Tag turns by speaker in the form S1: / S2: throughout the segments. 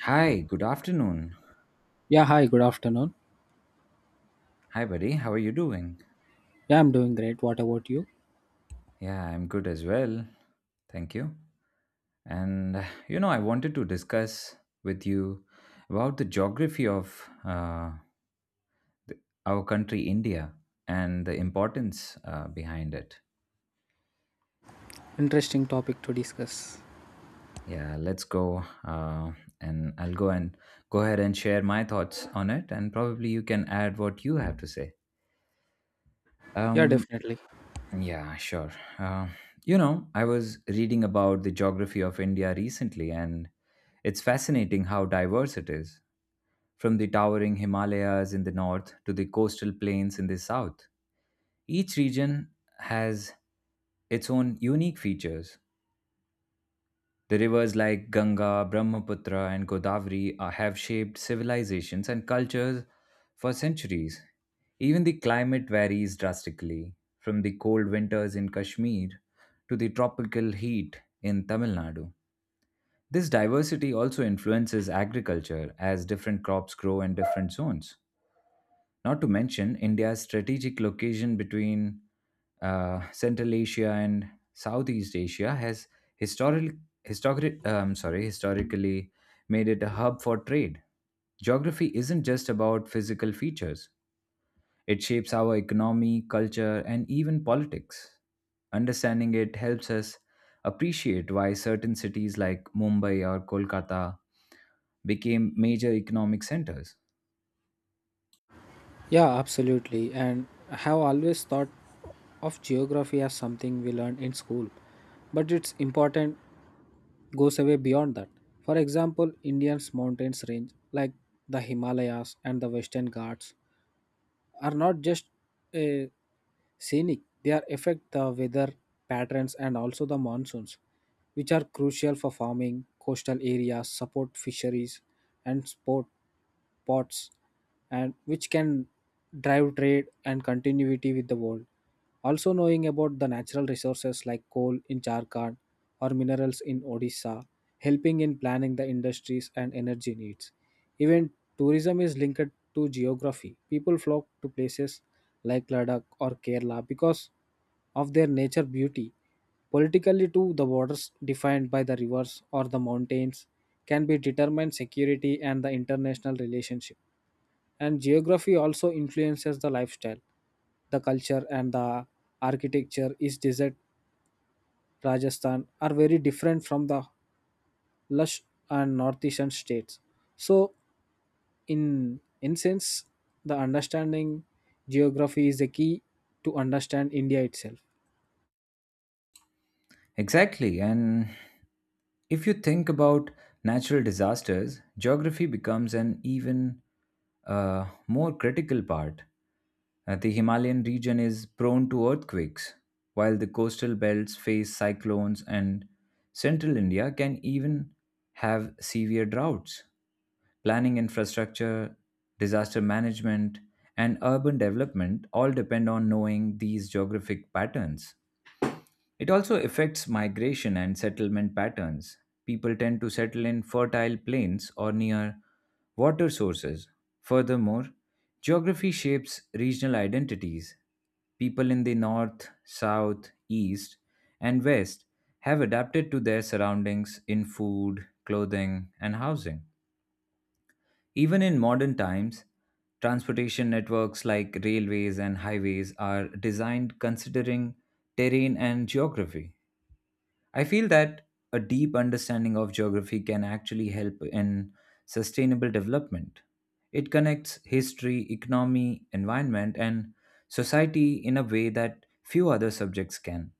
S1: Hi, good afternoon.
S2: Yeah, hi, good afternoon.
S1: Hi, buddy. How are you doing?
S2: Yeah, I'm doing great. What about you?
S1: Yeah, I'm good as well. Thank you. I wanted to discuss with you about the geography of the, our country, India, and the importance behind it.
S2: Interesting topic to discuss.
S1: Yeah, let's go. And I'll go and Go ahead and share my thoughts on it, and probably you can add what you have to say.
S2: Yeah,
S1: Um,
S2: definitely.
S1: Yeah, sure. Uh, I was reading about the geography of India recently, and it's fascinating how diverse it is. From the towering Himalayas in the north to the coastal plains in the south, each region has its own unique features. The rivers like Ganga, Brahmaputra, and Godavari have shaped civilizations and cultures for centuries. Even the climate varies drastically, from the cold winters in Kashmir to the tropical heat in Tamil Nadu. This diversity also influences agriculture as different crops grow in different zones. Not to mention India's strategic location between Central Asia and Southeast Asia has historically, historically made it a hub for trade. Geography isn't just about physical features, it shapes our economy, culture, and even politics. Understanding it helps us appreciate why certain cities like Mumbai or Kolkata became major economic centers.
S2: Yeah, absolutely. And I have always thought of geography as something we learn in school, but its important goes away beyond that. For example, India's mountains range like the Himalayas and the Western Ghats are not just a scenic they are affect the weather patterns and also the monsoons which are crucial for farming coastal areas support fisheries and sport ports and which can drive trade and continuity with the world also knowing about the natural resources like coal in Jharkhand or minerals in Odisha, helping in planning the industries and energy needs. Even tourism is linked to geography. People flock to places like Ladakh or Kerala because of their nature beauty. Politically, too, the waters defined by the rivers or the mountains can be determined security and the international relationship. And geography also influences the lifestyle. The culture and the architecture is desert Rajasthan are very different from the lush and northeastern states. So, in sense, the understanding geography is the key to understand India itself.
S1: Exactly, and if you think about natural disasters, geography becomes an even more critical part. The Himalayan region is prone to earthquakes, while the coastal belts face cyclones, and central India can even have severe droughts. Planning infrastructure, disaster management, and urban development all depend on knowing these geographic patterns. It also affects migration and settlement patterns. People tend to settle in fertile plains or near water sources. Furthermore, geography shapes regional identities. People in the north, south, east, and west have adapted to their surroundings in food, clothing, and housing. Even in modern times, transportation networks like railways and highways are designed considering terrain and geography. I feel that a deep understanding of geography can actually help in sustainable development. It connects history, economy, environment, and society in a way that few other subjects can.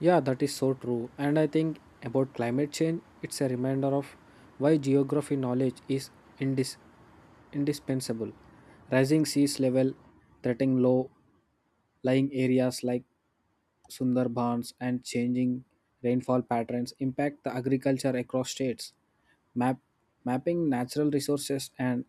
S2: Yeah, that is so true. And I think about climate change, it's a reminder of why geography knowledge is indis- indispensable. Rising seas level, threatening low lying areas like Sundarbans, and changing rainfall patterns impact the agriculture across states. Map, mapping natural resources and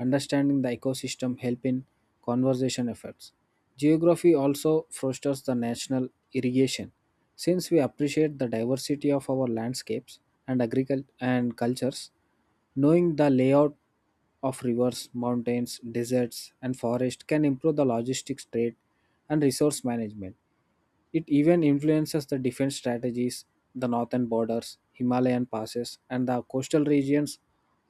S2: understanding the ecosystem help in conservation efforts. Geography also fosters the national irrigation. Since we appreciate the diversity of our landscapes and and cultures, knowing the layout of rivers, mountains, deserts, and forests can improve the logistics trade and resource management. It even influences the defense strategies. The northern borders, Himalayan passes, and the coastal regions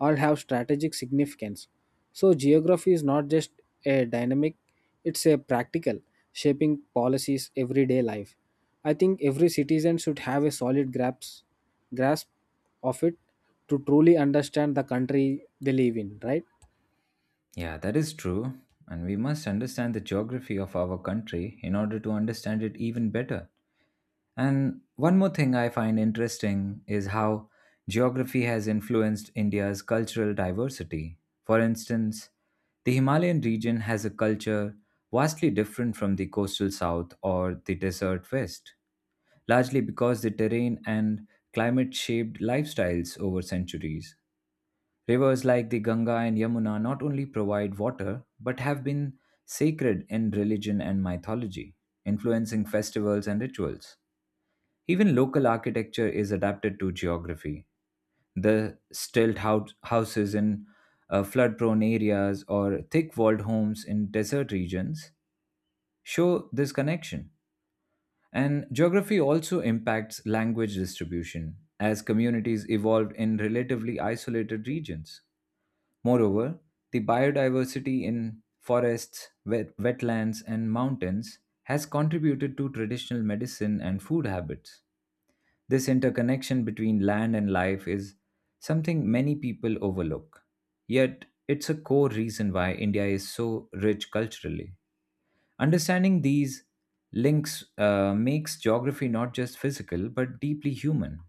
S2: all have strategic significance. So, geography is not just a dynamic, it's a practical, shaping policies everyday life. I think every citizen should have a solid grasp of it to truly understand the country they live in, right?
S1: Yeah, that is true. And we must understand the geography of our country in order to understand it even better. And one more thing I find interesting is how geography has influenced India's cultural diversity. For instance, the Himalayan region has a culture vastly different from the coastal south or the desert west, largely because the terrain and climate shaped lifestyles over centuries. Rivers like the Ganga and Yamuna not only provide water but have been sacred in religion and mythology, influencing festivals and rituals. Even local architecture is adapted to geography. The houses in flood prone areas or thick walled homes in desert regions show this connection. And geography also impacts language distribution as communities evolved in relatively isolated regions. Moreover, the biodiversity in forests, wetlands, and mountains has contributed to traditional medicine and food habits. This interconnection between land and life is something many people overlook. Yet, it's a core reason why India is so rich culturally. Understanding these links makes geography not just physical but deeply human.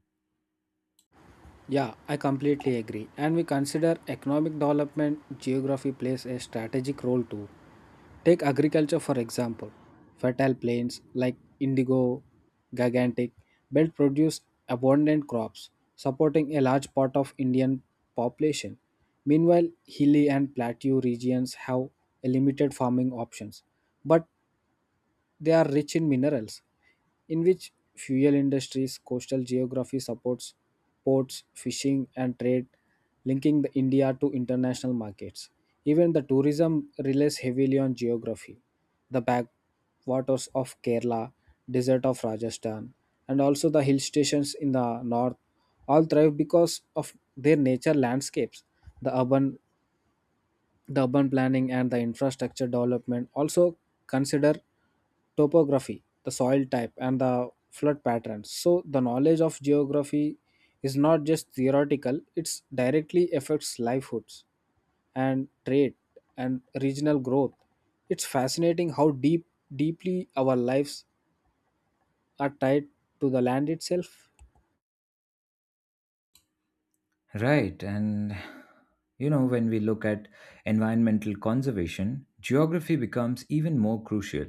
S2: Yeah, I completely agree. And we consider economic development, geography plays a strategic role too. Take agriculture for example. Fertile plains like indigo, gigantic, belt produce abundant crops, supporting a large part of Indian population. Meanwhile, hilly and plateau regions have a limited farming options, but they are rich in minerals, in which fuel industries, coastal geography supports ports, fishing, and trade, linking the India to international markets. Even the tourism relies heavily on geography. The backwaters of Kerala, desert of Rajasthan, and also the hill stations in the north all thrive because of their nature landscapes. The urban the urban planning and the infrastructure development also consider topography the soil type and the flood patterns so the knowledge of geography is not just theoretical it's directly affects livelihoods and trade and regional growth it's fascinating how deeply our lives are tied to the land itself.
S1: Right, and you know, when we look at environmental conservation, geography becomes even more crucial.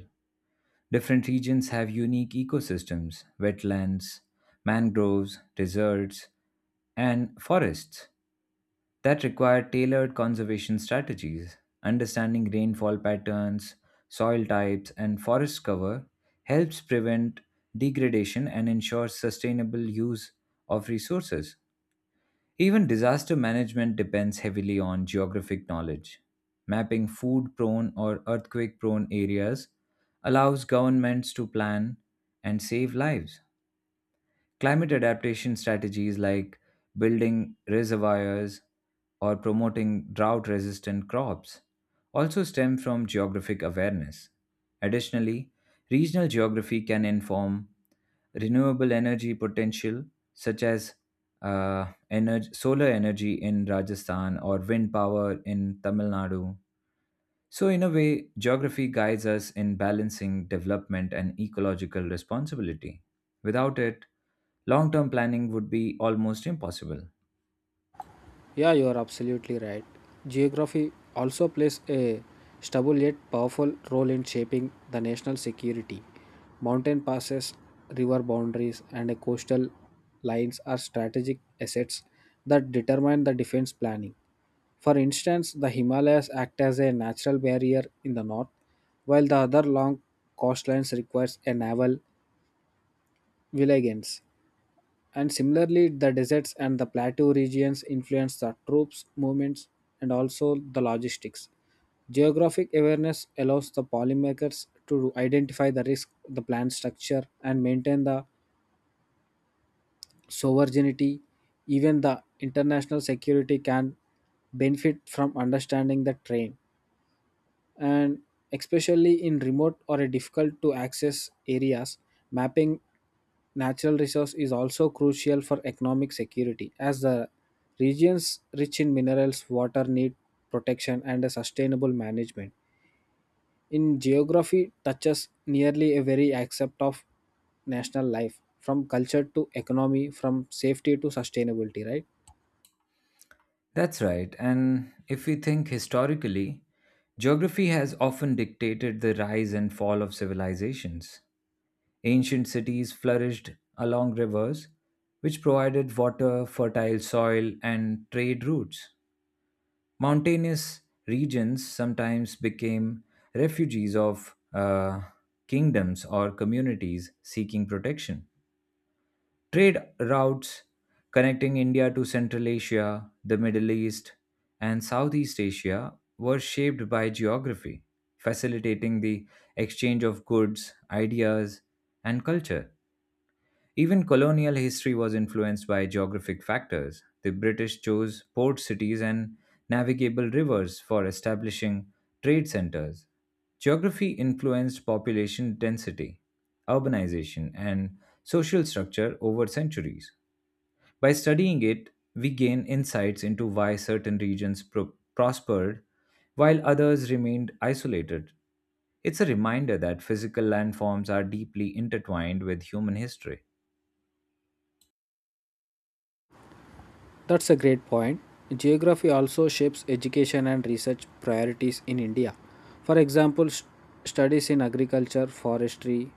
S1: Different regions have unique ecosystems wetlands, mangroves, deserts, and forests that require tailored conservation strategies. Understanding rainfall patterns, soil types, and forest cover helps prevent degradation and ensure sustainable use of resources. Even disaster management depends heavily on geographic knowledge. Mapping food prone or earthquake prone areas allows governments to plan and save lives. Climate adaptation strategies like building reservoirs or promoting drought resistant crops also stem from geographic awareness. Additionally, regional geography can inform renewable energy potential, such as solar energy in Rajasthan or wind power in Tamil Nadu. So, in a way, geography guides us in balancing development and ecological responsibility. Without it, long term planning would be almost impossible.
S2: Yeah, you are absolutely right. Geography also plays a stubble yet powerful role in shaping the national security. Mountain passes, river boundaries, and coastal lines are strategic assets that determine the defense planning. For instance, the Himalayas act as a natural barrier in the north, while the other long coastlines requires a naval vigilance. And similarly, the deserts and the plateau regions influence the troops' movements and also the logistics. Geographic awareness allows the policymakers to identify the risk, the plan structure, and maintain the sovereignty. Even the international security can benefit from understanding the terrain. And especially in remote or difficult to access areas, mapping natural resource is also crucial for economic security as the regions rich in minerals, water need protection and a sustainable management. In geography touches nearly a very aspect of national life from culture to economy, from safety to sustainability, right?
S1: That's right, and if we think historically, geography has often dictated the rise and fall of civilizations. Ancient cities flourished along rivers, which provided water, fertile soil, and trade routes. Mountainous regions sometimes became refuges of kingdoms or communities seeking protection. Trade routes connecting India to Central Asia, the Middle East, and Southeast Asia were shaped by geography, facilitating the exchange of goods, ideas, and culture. Even colonial history was influenced by geographic factors. The British chose port cities and navigable rivers for establishing trade centers. Geography influenced population density, urbanization, and social structure over centuries. By studying it, we gain insights into why certain regions prospered while others remained isolated. It's a reminder that physical landforms are deeply intertwined with human history.
S2: That's a great point. Geography also shapes education and research priorities in India. For example, studies in agriculture, forestry,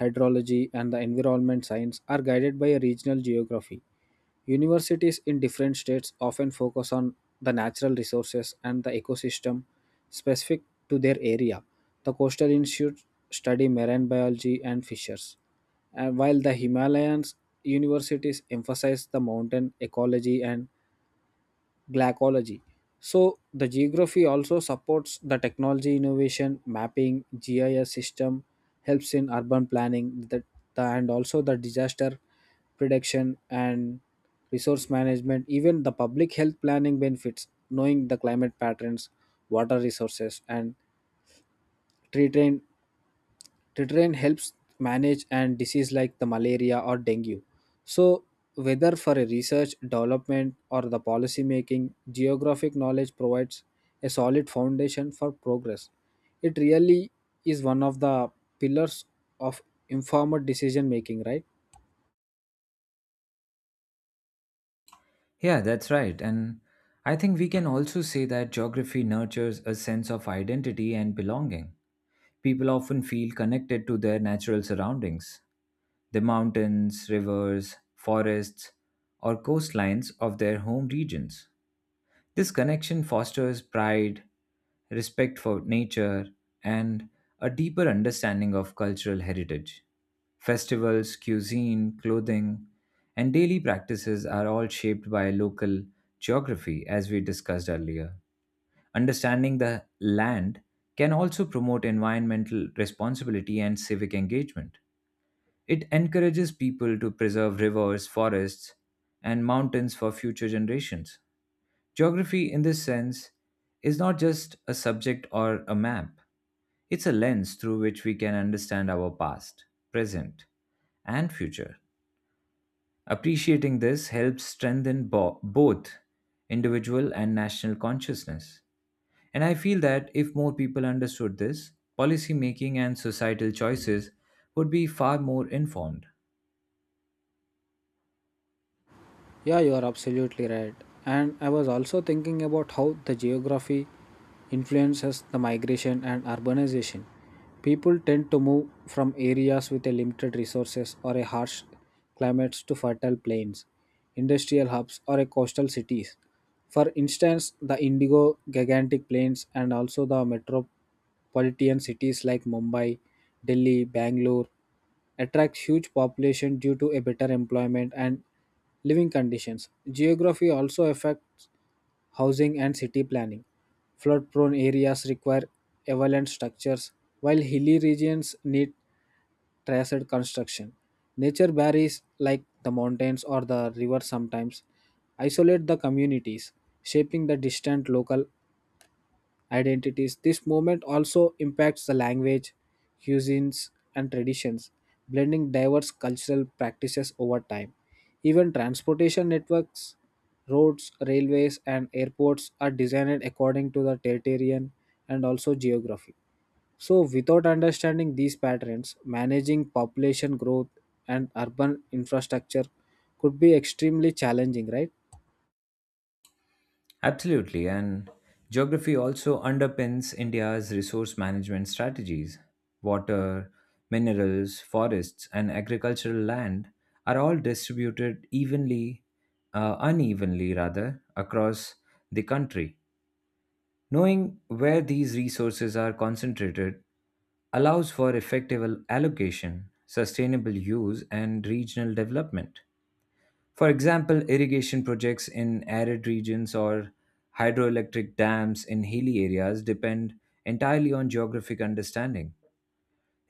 S2: hydrology, and the environment science are guided by a regional geography. Universities in different states often focus on the natural resources and the ecosystem specific to their area. The coastal institutes study marine biology and fishers, and while the Himalayan universities emphasize the mountain ecology and glaciology. So the geography also supports the technology innovation, mapping, GIS system helps in urban planning that the, and also the disaster prediction and resource management, even the public health planning benefits, knowing the climate patterns, water resources and tree train Tetraene helps manage and disease like the malaria or dengue. So whether for a research, development or the policy making, geographic knowledge provides a solid foundation for progress. It really is one of the pillars of informed decision making, right?
S1: Yeah, that's right. And I think we can also say that geography nurtures a sense of identity and belonging. People often feel connected to their natural surroundings, the mountains, rivers, forests, or coastlines of their home regions. This connection fosters pride, respect for nature, and a deeper understanding of cultural heritage. Festivals, cuisine, clothing, and daily practices are all shaped by local geography, as we discussed earlier. Understanding the land can also promote environmental responsibility and civic engagement. It encourages people to preserve rivers, forests, and mountains for future generations. Geography, in this sense, is not just a subject or a map, it's a lens through which we can understand our past, present, and future. Appreciating this helps strengthen both individual and national consciousness. And I feel that if more people understood this, policy making and societal choices would be far more informed.
S2: Yeah, you are absolutely right. And I was also thinking about how the geography influences the migration and urbanization. People tend to move from areas with a limited resources or a harsh climates to fertile plains, industrial hubs or a coastal cities. For instance, the Indigo gigantic plains and also the metropolitan cities like Mumbai, Delhi, Bangalore attracts huge population due to a better employment and living conditions. Geography also affects housing and city planning. Flood prone areas require avalanche structures, while hilly regions need traced construction. Nature barriers like the mountains or the river sometimes isolate the communities, shaping the distant local identities. This movement also impacts the language, cuisines, and traditions, blending diverse cultural practices over time. Even transportation networks, roads, railways, and airports are designed according to the territorial and also geography. So, without understanding these patterns, managing population growth and urban infrastructure could be extremely challenging, right?
S1: Absolutely, and geography also underpins India's resource management strategies. Water, minerals, forests, and agricultural land are all distributed unevenly rather, across the country. Knowing where these resources are concentrated allows for effective allocation, sustainable use, and regional development. For example, irrigation projects in arid regions or hydroelectric dams in hilly areas depend entirely on geographic understanding.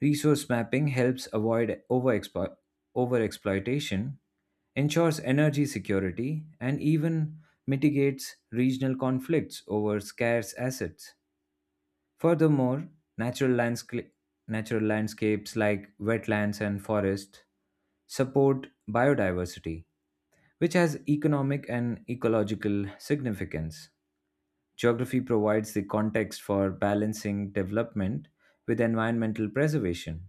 S1: Resource mapping helps avoid overexploitation, ensures energy security, and even mitigates regional conflicts over scarce assets. Furthermore, natural, landsca- natural landscapes like wetlands and forests support biodiversity, which has economic and ecological significance. Geography provides the context for balancing development with environmental preservation.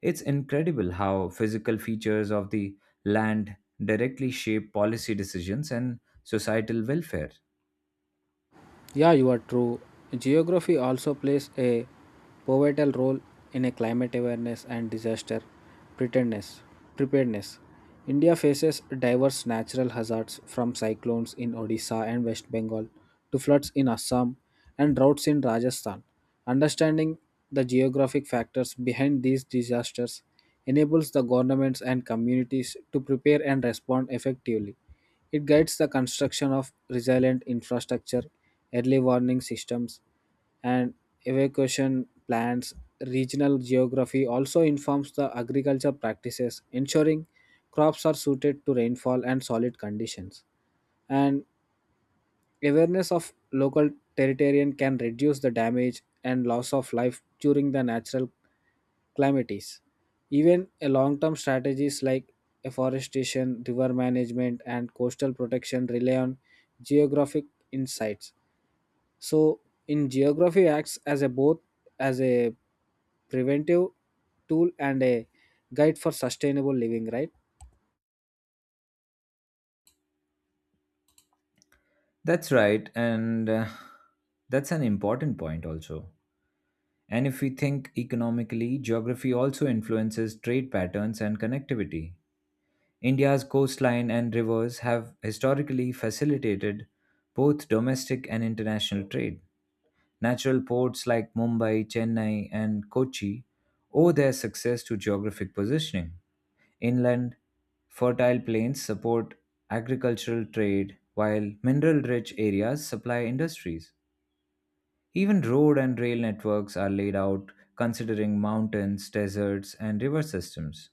S1: It's incredible how physical features of the land directly shape policy decisions and societal welfare.
S2: Yeah, you are true. Geography also plays a pivotal role in a climate awareness and disaster preparedness. preparedness. India faces diverse natural hazards from cyclones in Odisha and West Bengal to floods in Assam and droughts in Rajasthan. Understanding the geographic factors behind these disasters enables the governments and communities to prepare and respond effectively. It guides the construction of resilient infrastructure, early warning systems, and evacuation plans. Regional geography also informs the agriculture practices, ensuring crops are suited to rainfall and solid conditions. And awareness of local territarian can reduce the damage and loss of life during the natural calamities. Even a long-term strategies like afforestation, river management, and coastal protection rely on geographic insights. So, in geography acts as a both as a preventive tool and a guide for sustainable living, right?
S1: That's right, and That's an important point also. And if we think economically, geography also influences trade patterns and connectivity. India's coastline and rivers have historically facilitated both domestic and international trade. Natural ports like Mumbai, Chennai, and Kochi owe their success to geographic positioning. Inland, fertile plains support agricultural trade, while mineral rich areas supply industries. Even road and rail networks are laid out considering mountains, deserts, and river systems.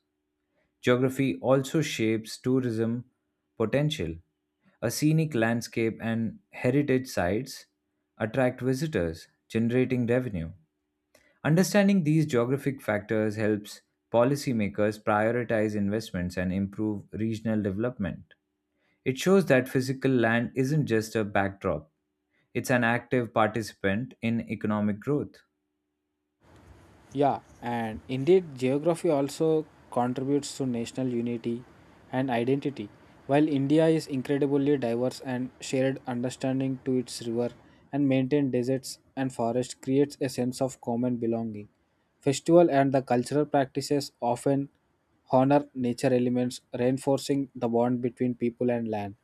S1: Geography also shapes tourism potential. A scenic landscape and heritage sites attract visitors, generating revenue. Understanding these geographic factors helps policymakers prioritize investments and improve regional development. It shows that physical land isn't just a backdrop, it's an active participant in economic growth.
S2: Yeah, and indeed, geography also contributes to national unity and identity. While India is incredibly diverse and shared understanding to its river and maintained deserts and forests creates a sense of common belonging. Festival and the cultural practices often honor nature elements, reinforcing the bond between people and land.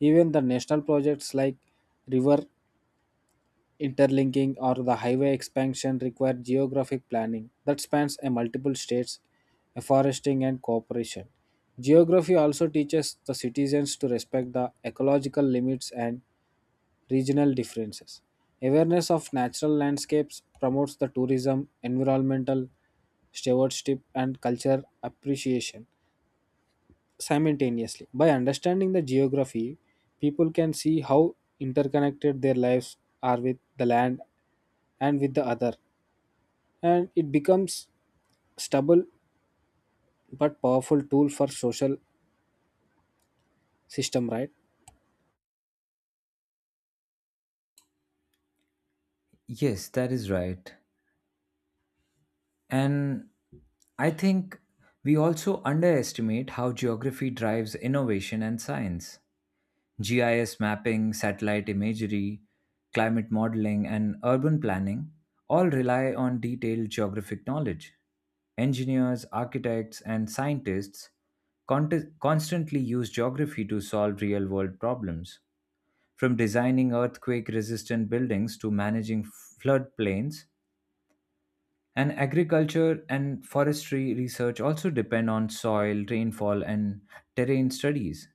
S2: Even the national projects like river interlinking or the highway expansion required geographic planning that spans a multiple states, foresting and cooperation. Geography also teaches the citizens to respect the ecological limits and regional differences. Awareness of natural landscapes promotes the tourism, environmental stewardship, and culture appreciation simultaneously. By understanding the geography, people can see how interconnected their lives are with the land and with the other, and it becomes stable but powerful tool for social system, right?
S1: Yes, that is right. And I think we also underestimate how geography drives innovation and science. GIS mapping, satellite imagery, climate modeling, and urban planning all rely on detailed geographic knowledge. Engineers, architects, and scientists constantly use geography to solve real world problems, from designing earthquake resistant buildings to managing floodplains. And agriculture and forestry research also depend on soil, rainfall, and terrain studies.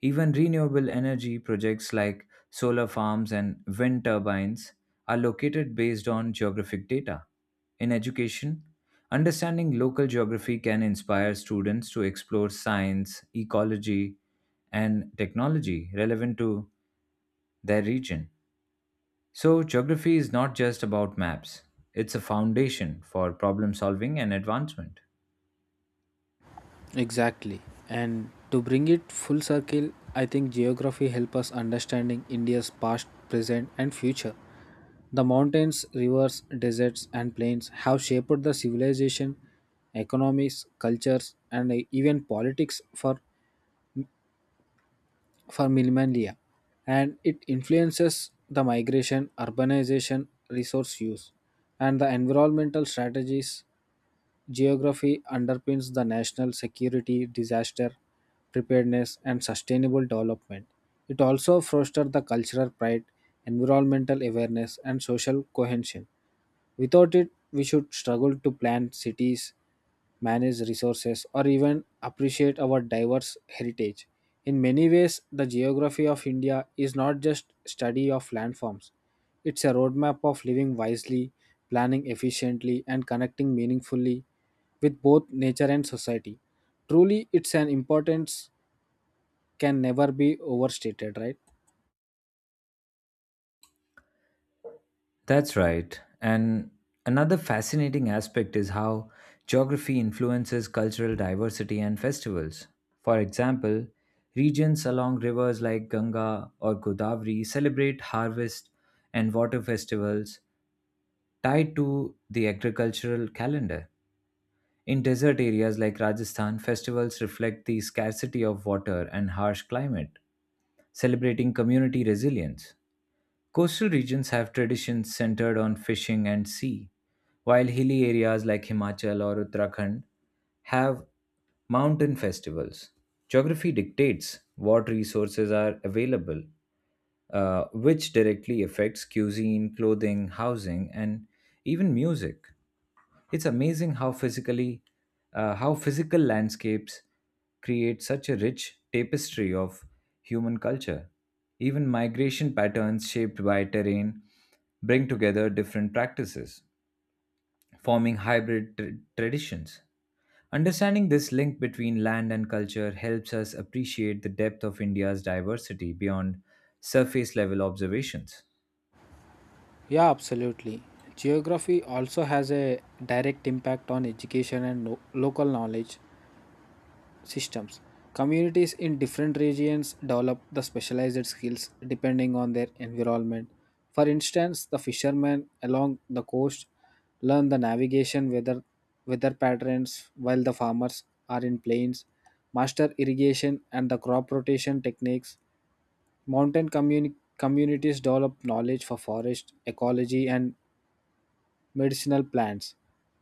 S1: Even renewable energy projects like solar farms and wind turbines are located based on geographic data. In education, understanding local geography can inspire students to explore science, ecology, and technology relevant to their region. So, geography is not just about maps, it's a foundation for problem solving and advancement.
S2: Exactly. And to bring it full circle, I think geography helps us understanding India's past, present and future. The mountains, rivers, deserts and plains have shaped the civilization, economies, cultures and even politics for millennia, and it influences the migration, urbanization, resource use, and the environmental strategies. Geography underpins the national security, disaster preparedness, and sustainable development. It also fosters the cultural pride, environmental awareness, and social cohesion. Without it, we should struggle to plan cities manage resources, or even appreciate our diverse heritage. In many ways, the geography of India is not just study of landforms. It's a roadmap of living wisely, planning efficiently, and connecting meaningfully with both nature and society. Truly, its an importance can never be overstated, right?
S1: That's right. And another fascinating aspect is how geography influences cultural diversity and festivals. For example, regions along rivers like Ganga or Godavari celebrate harvest and water festivals tied to the agricultural calendar. In desert areas like Rajasthan, festivals reflect the scarcity of water and harsh climate, celebrating community resilience. Coastal regions have traditions centered on fishing and sea, while hilly areas like Himachal or Uttarakhand have mountain festivals. Geography dictates what resources are available, which directly affects cuisine, clothing, housing, and even music. It's amazing how physical landscapes create such a rich tapestry of human culture. Even migration patterns shaped by terrain bring together different practices, forming hybrid traditions. Understanding this link between land and culture helps us appreciate the depth of India's diversity beyond surface level observations.
S2: Yeah, absolutely. Geography also has a direct impact on education and local knowledge systems. Communities in different regions develop the specialized skills depending on their environment. For instance, the fishermen along the coast learn the navigation weather patterns while the farmers are in plains, master irrigation and the crop rotation techniques. Mountain communities develop knowledge for forest ecology and medicinal plants.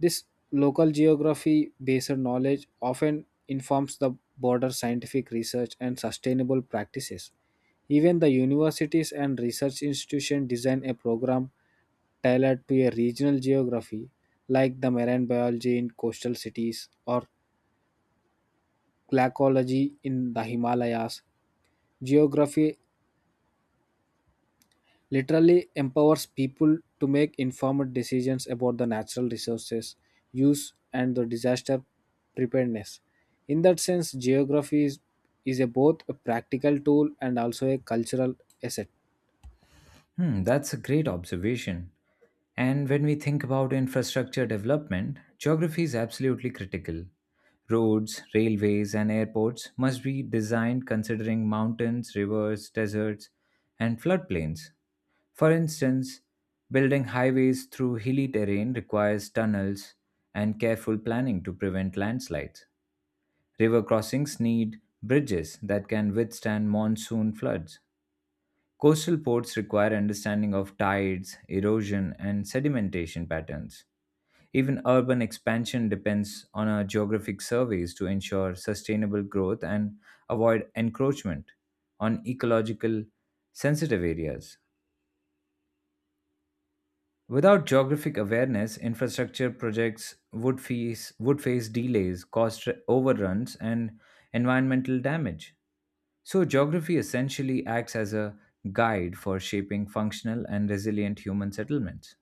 S2: This local geography based knowledge often informs the broader scientific research and sustainable practices. Even the universities and research institutions design a program tailored to a regional geography, like the marine biology in coastal cities or glaciology in the Himalayas. Geography literally empowers people to make informed decisions about the natural resources use and the disaster preparedness in that sense is a both a practical tool and also a cultural asset.
S1: Hmm, that's a great observation. And when we think about infrastructure development, geography is absolutely critical. Roads, railways, and airports must be designed considering mountains, rivers, deserts, and floodplains. For instance, building highways through hilly terrain requires tunnels and careful planning to prevent landslides. River crossings need bridges that can withstand monsoon floods. Coastal ports require understanding of tides, erosion, and sedimentation patterns. Even urban expansion depends on our geographic surveys to ensure sustainable growth and avoid encroachment on ecological sensitive areas. Without geographic awareness, infrastructure projects would would face delays, cost overruns, and environmental damage. So, geography essentially acts as a guide for shaping functional and resilient human settlements.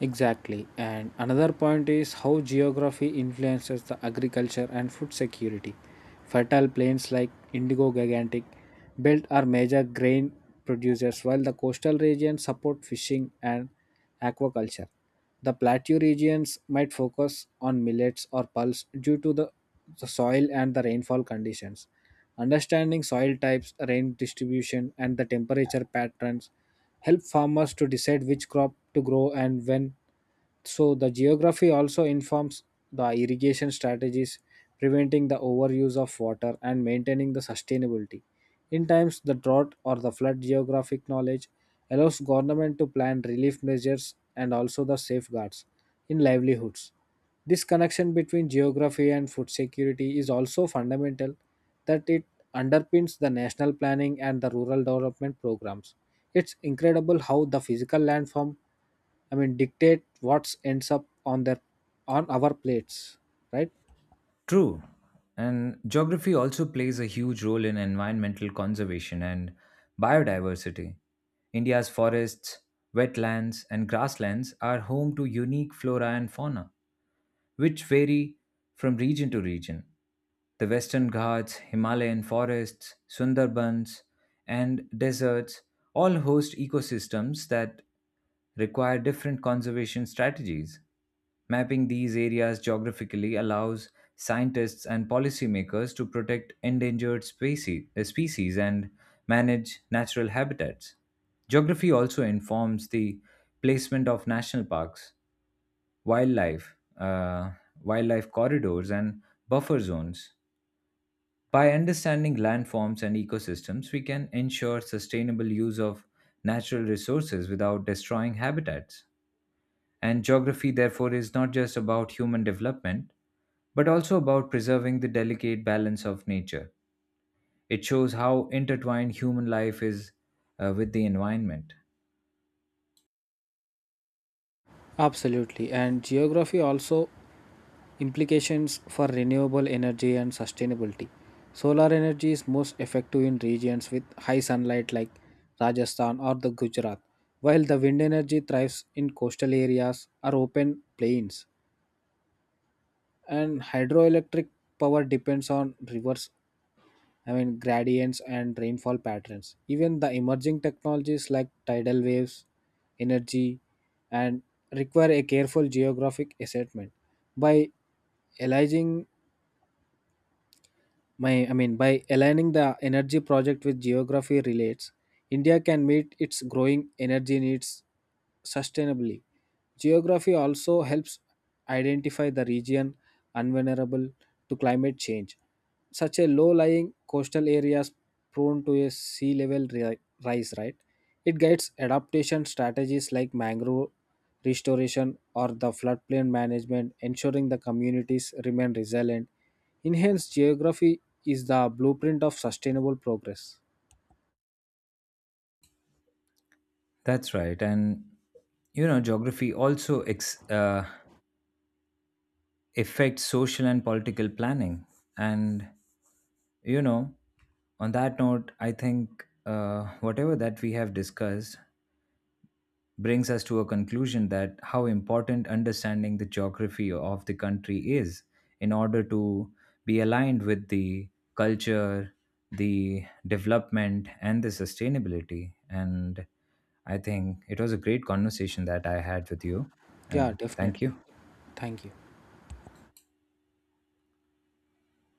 S2: Exactly and another point is how geography influences the agriculture and food security fertile plains like indigo gigantic belt are major grain producers while the coastal regions support fishing and aquaculture. The plateau regions might focus on millets or pulse due to the soil and the rainfall conditions. Understanding soil types, rain distribution, and the temperature patterns help farmers to decide which crop to grow and when so the geography also informs the irrigation strategies, preventing the overuse of water and maintaining the sustainability. In times the drought or the flood, geographic knowledge allows government to plan relief measures and also the safeguards in livelihoods. This connection between geography and food security is also fundamental that it underpins the national planning and the rural development programs. It's incredible how the physical landform dictate what ends up on their on our plates, right?
S1: True. And geography also plays a huge role in environmental conservation and biodiversity. India's forests, wetlands, and grasslands are home to unique flora and fauna which vary from region to region. The Western Ghats, Himalayan forests, Sundarbans, and deserts all host ecosystems that require different conservation strategies. Mapping these areas geographically allows scientists and policymakers to protect endangered species and manage natural habitats. Geography also informs the placement of national parks, wildlife, uh, wildlife corridors, and buffer zones. By understanding landforms and ecosystems, we can ensure sustainable use of natural resources without destroying habitats. And geography, therefore, is not just about human development, but also about preserving the delicate balance of nature. It shows how intertwined human life is with the environment.
S2: Absolutely. And geography also implications for renewable energy and sustainability. Solar energy is most effective in regions with high sunlight like Rajasthan or the Gujarat, while the wind energy thrives in coastal areas or open plains. And hydroelectric power depends on rivers gradients and rainfall patterns. Even the emerging technologies like tidal waves, energy, and require a careful geographic assessment. By aligning my, I mean, by aligning the energy project with geography relates, India can meet its growing energy needs sustainably. Geography also helps identify the region unvulnerable to climate change such a low-lying coastal areas prone to a sea level rise, right? It guides adaptation strategies like mangrove restoration or the floodplain management ensuring the communities remain resilient enhanced geography is the blueprint of sustainable progress.
S1: That's right. And, you know, geography also affect social and political planning. And, you know, on that note, I think whatever that we have discussed brings us to a conclusion that how important understanding the geography of the country is in order to be aligned with the culture, the development, and the sustainability. And I think it was a great conversation that I had with you.
S2: Yeah,
S1: And thank
S2: definitely.
S1: you.
S2: Thank you.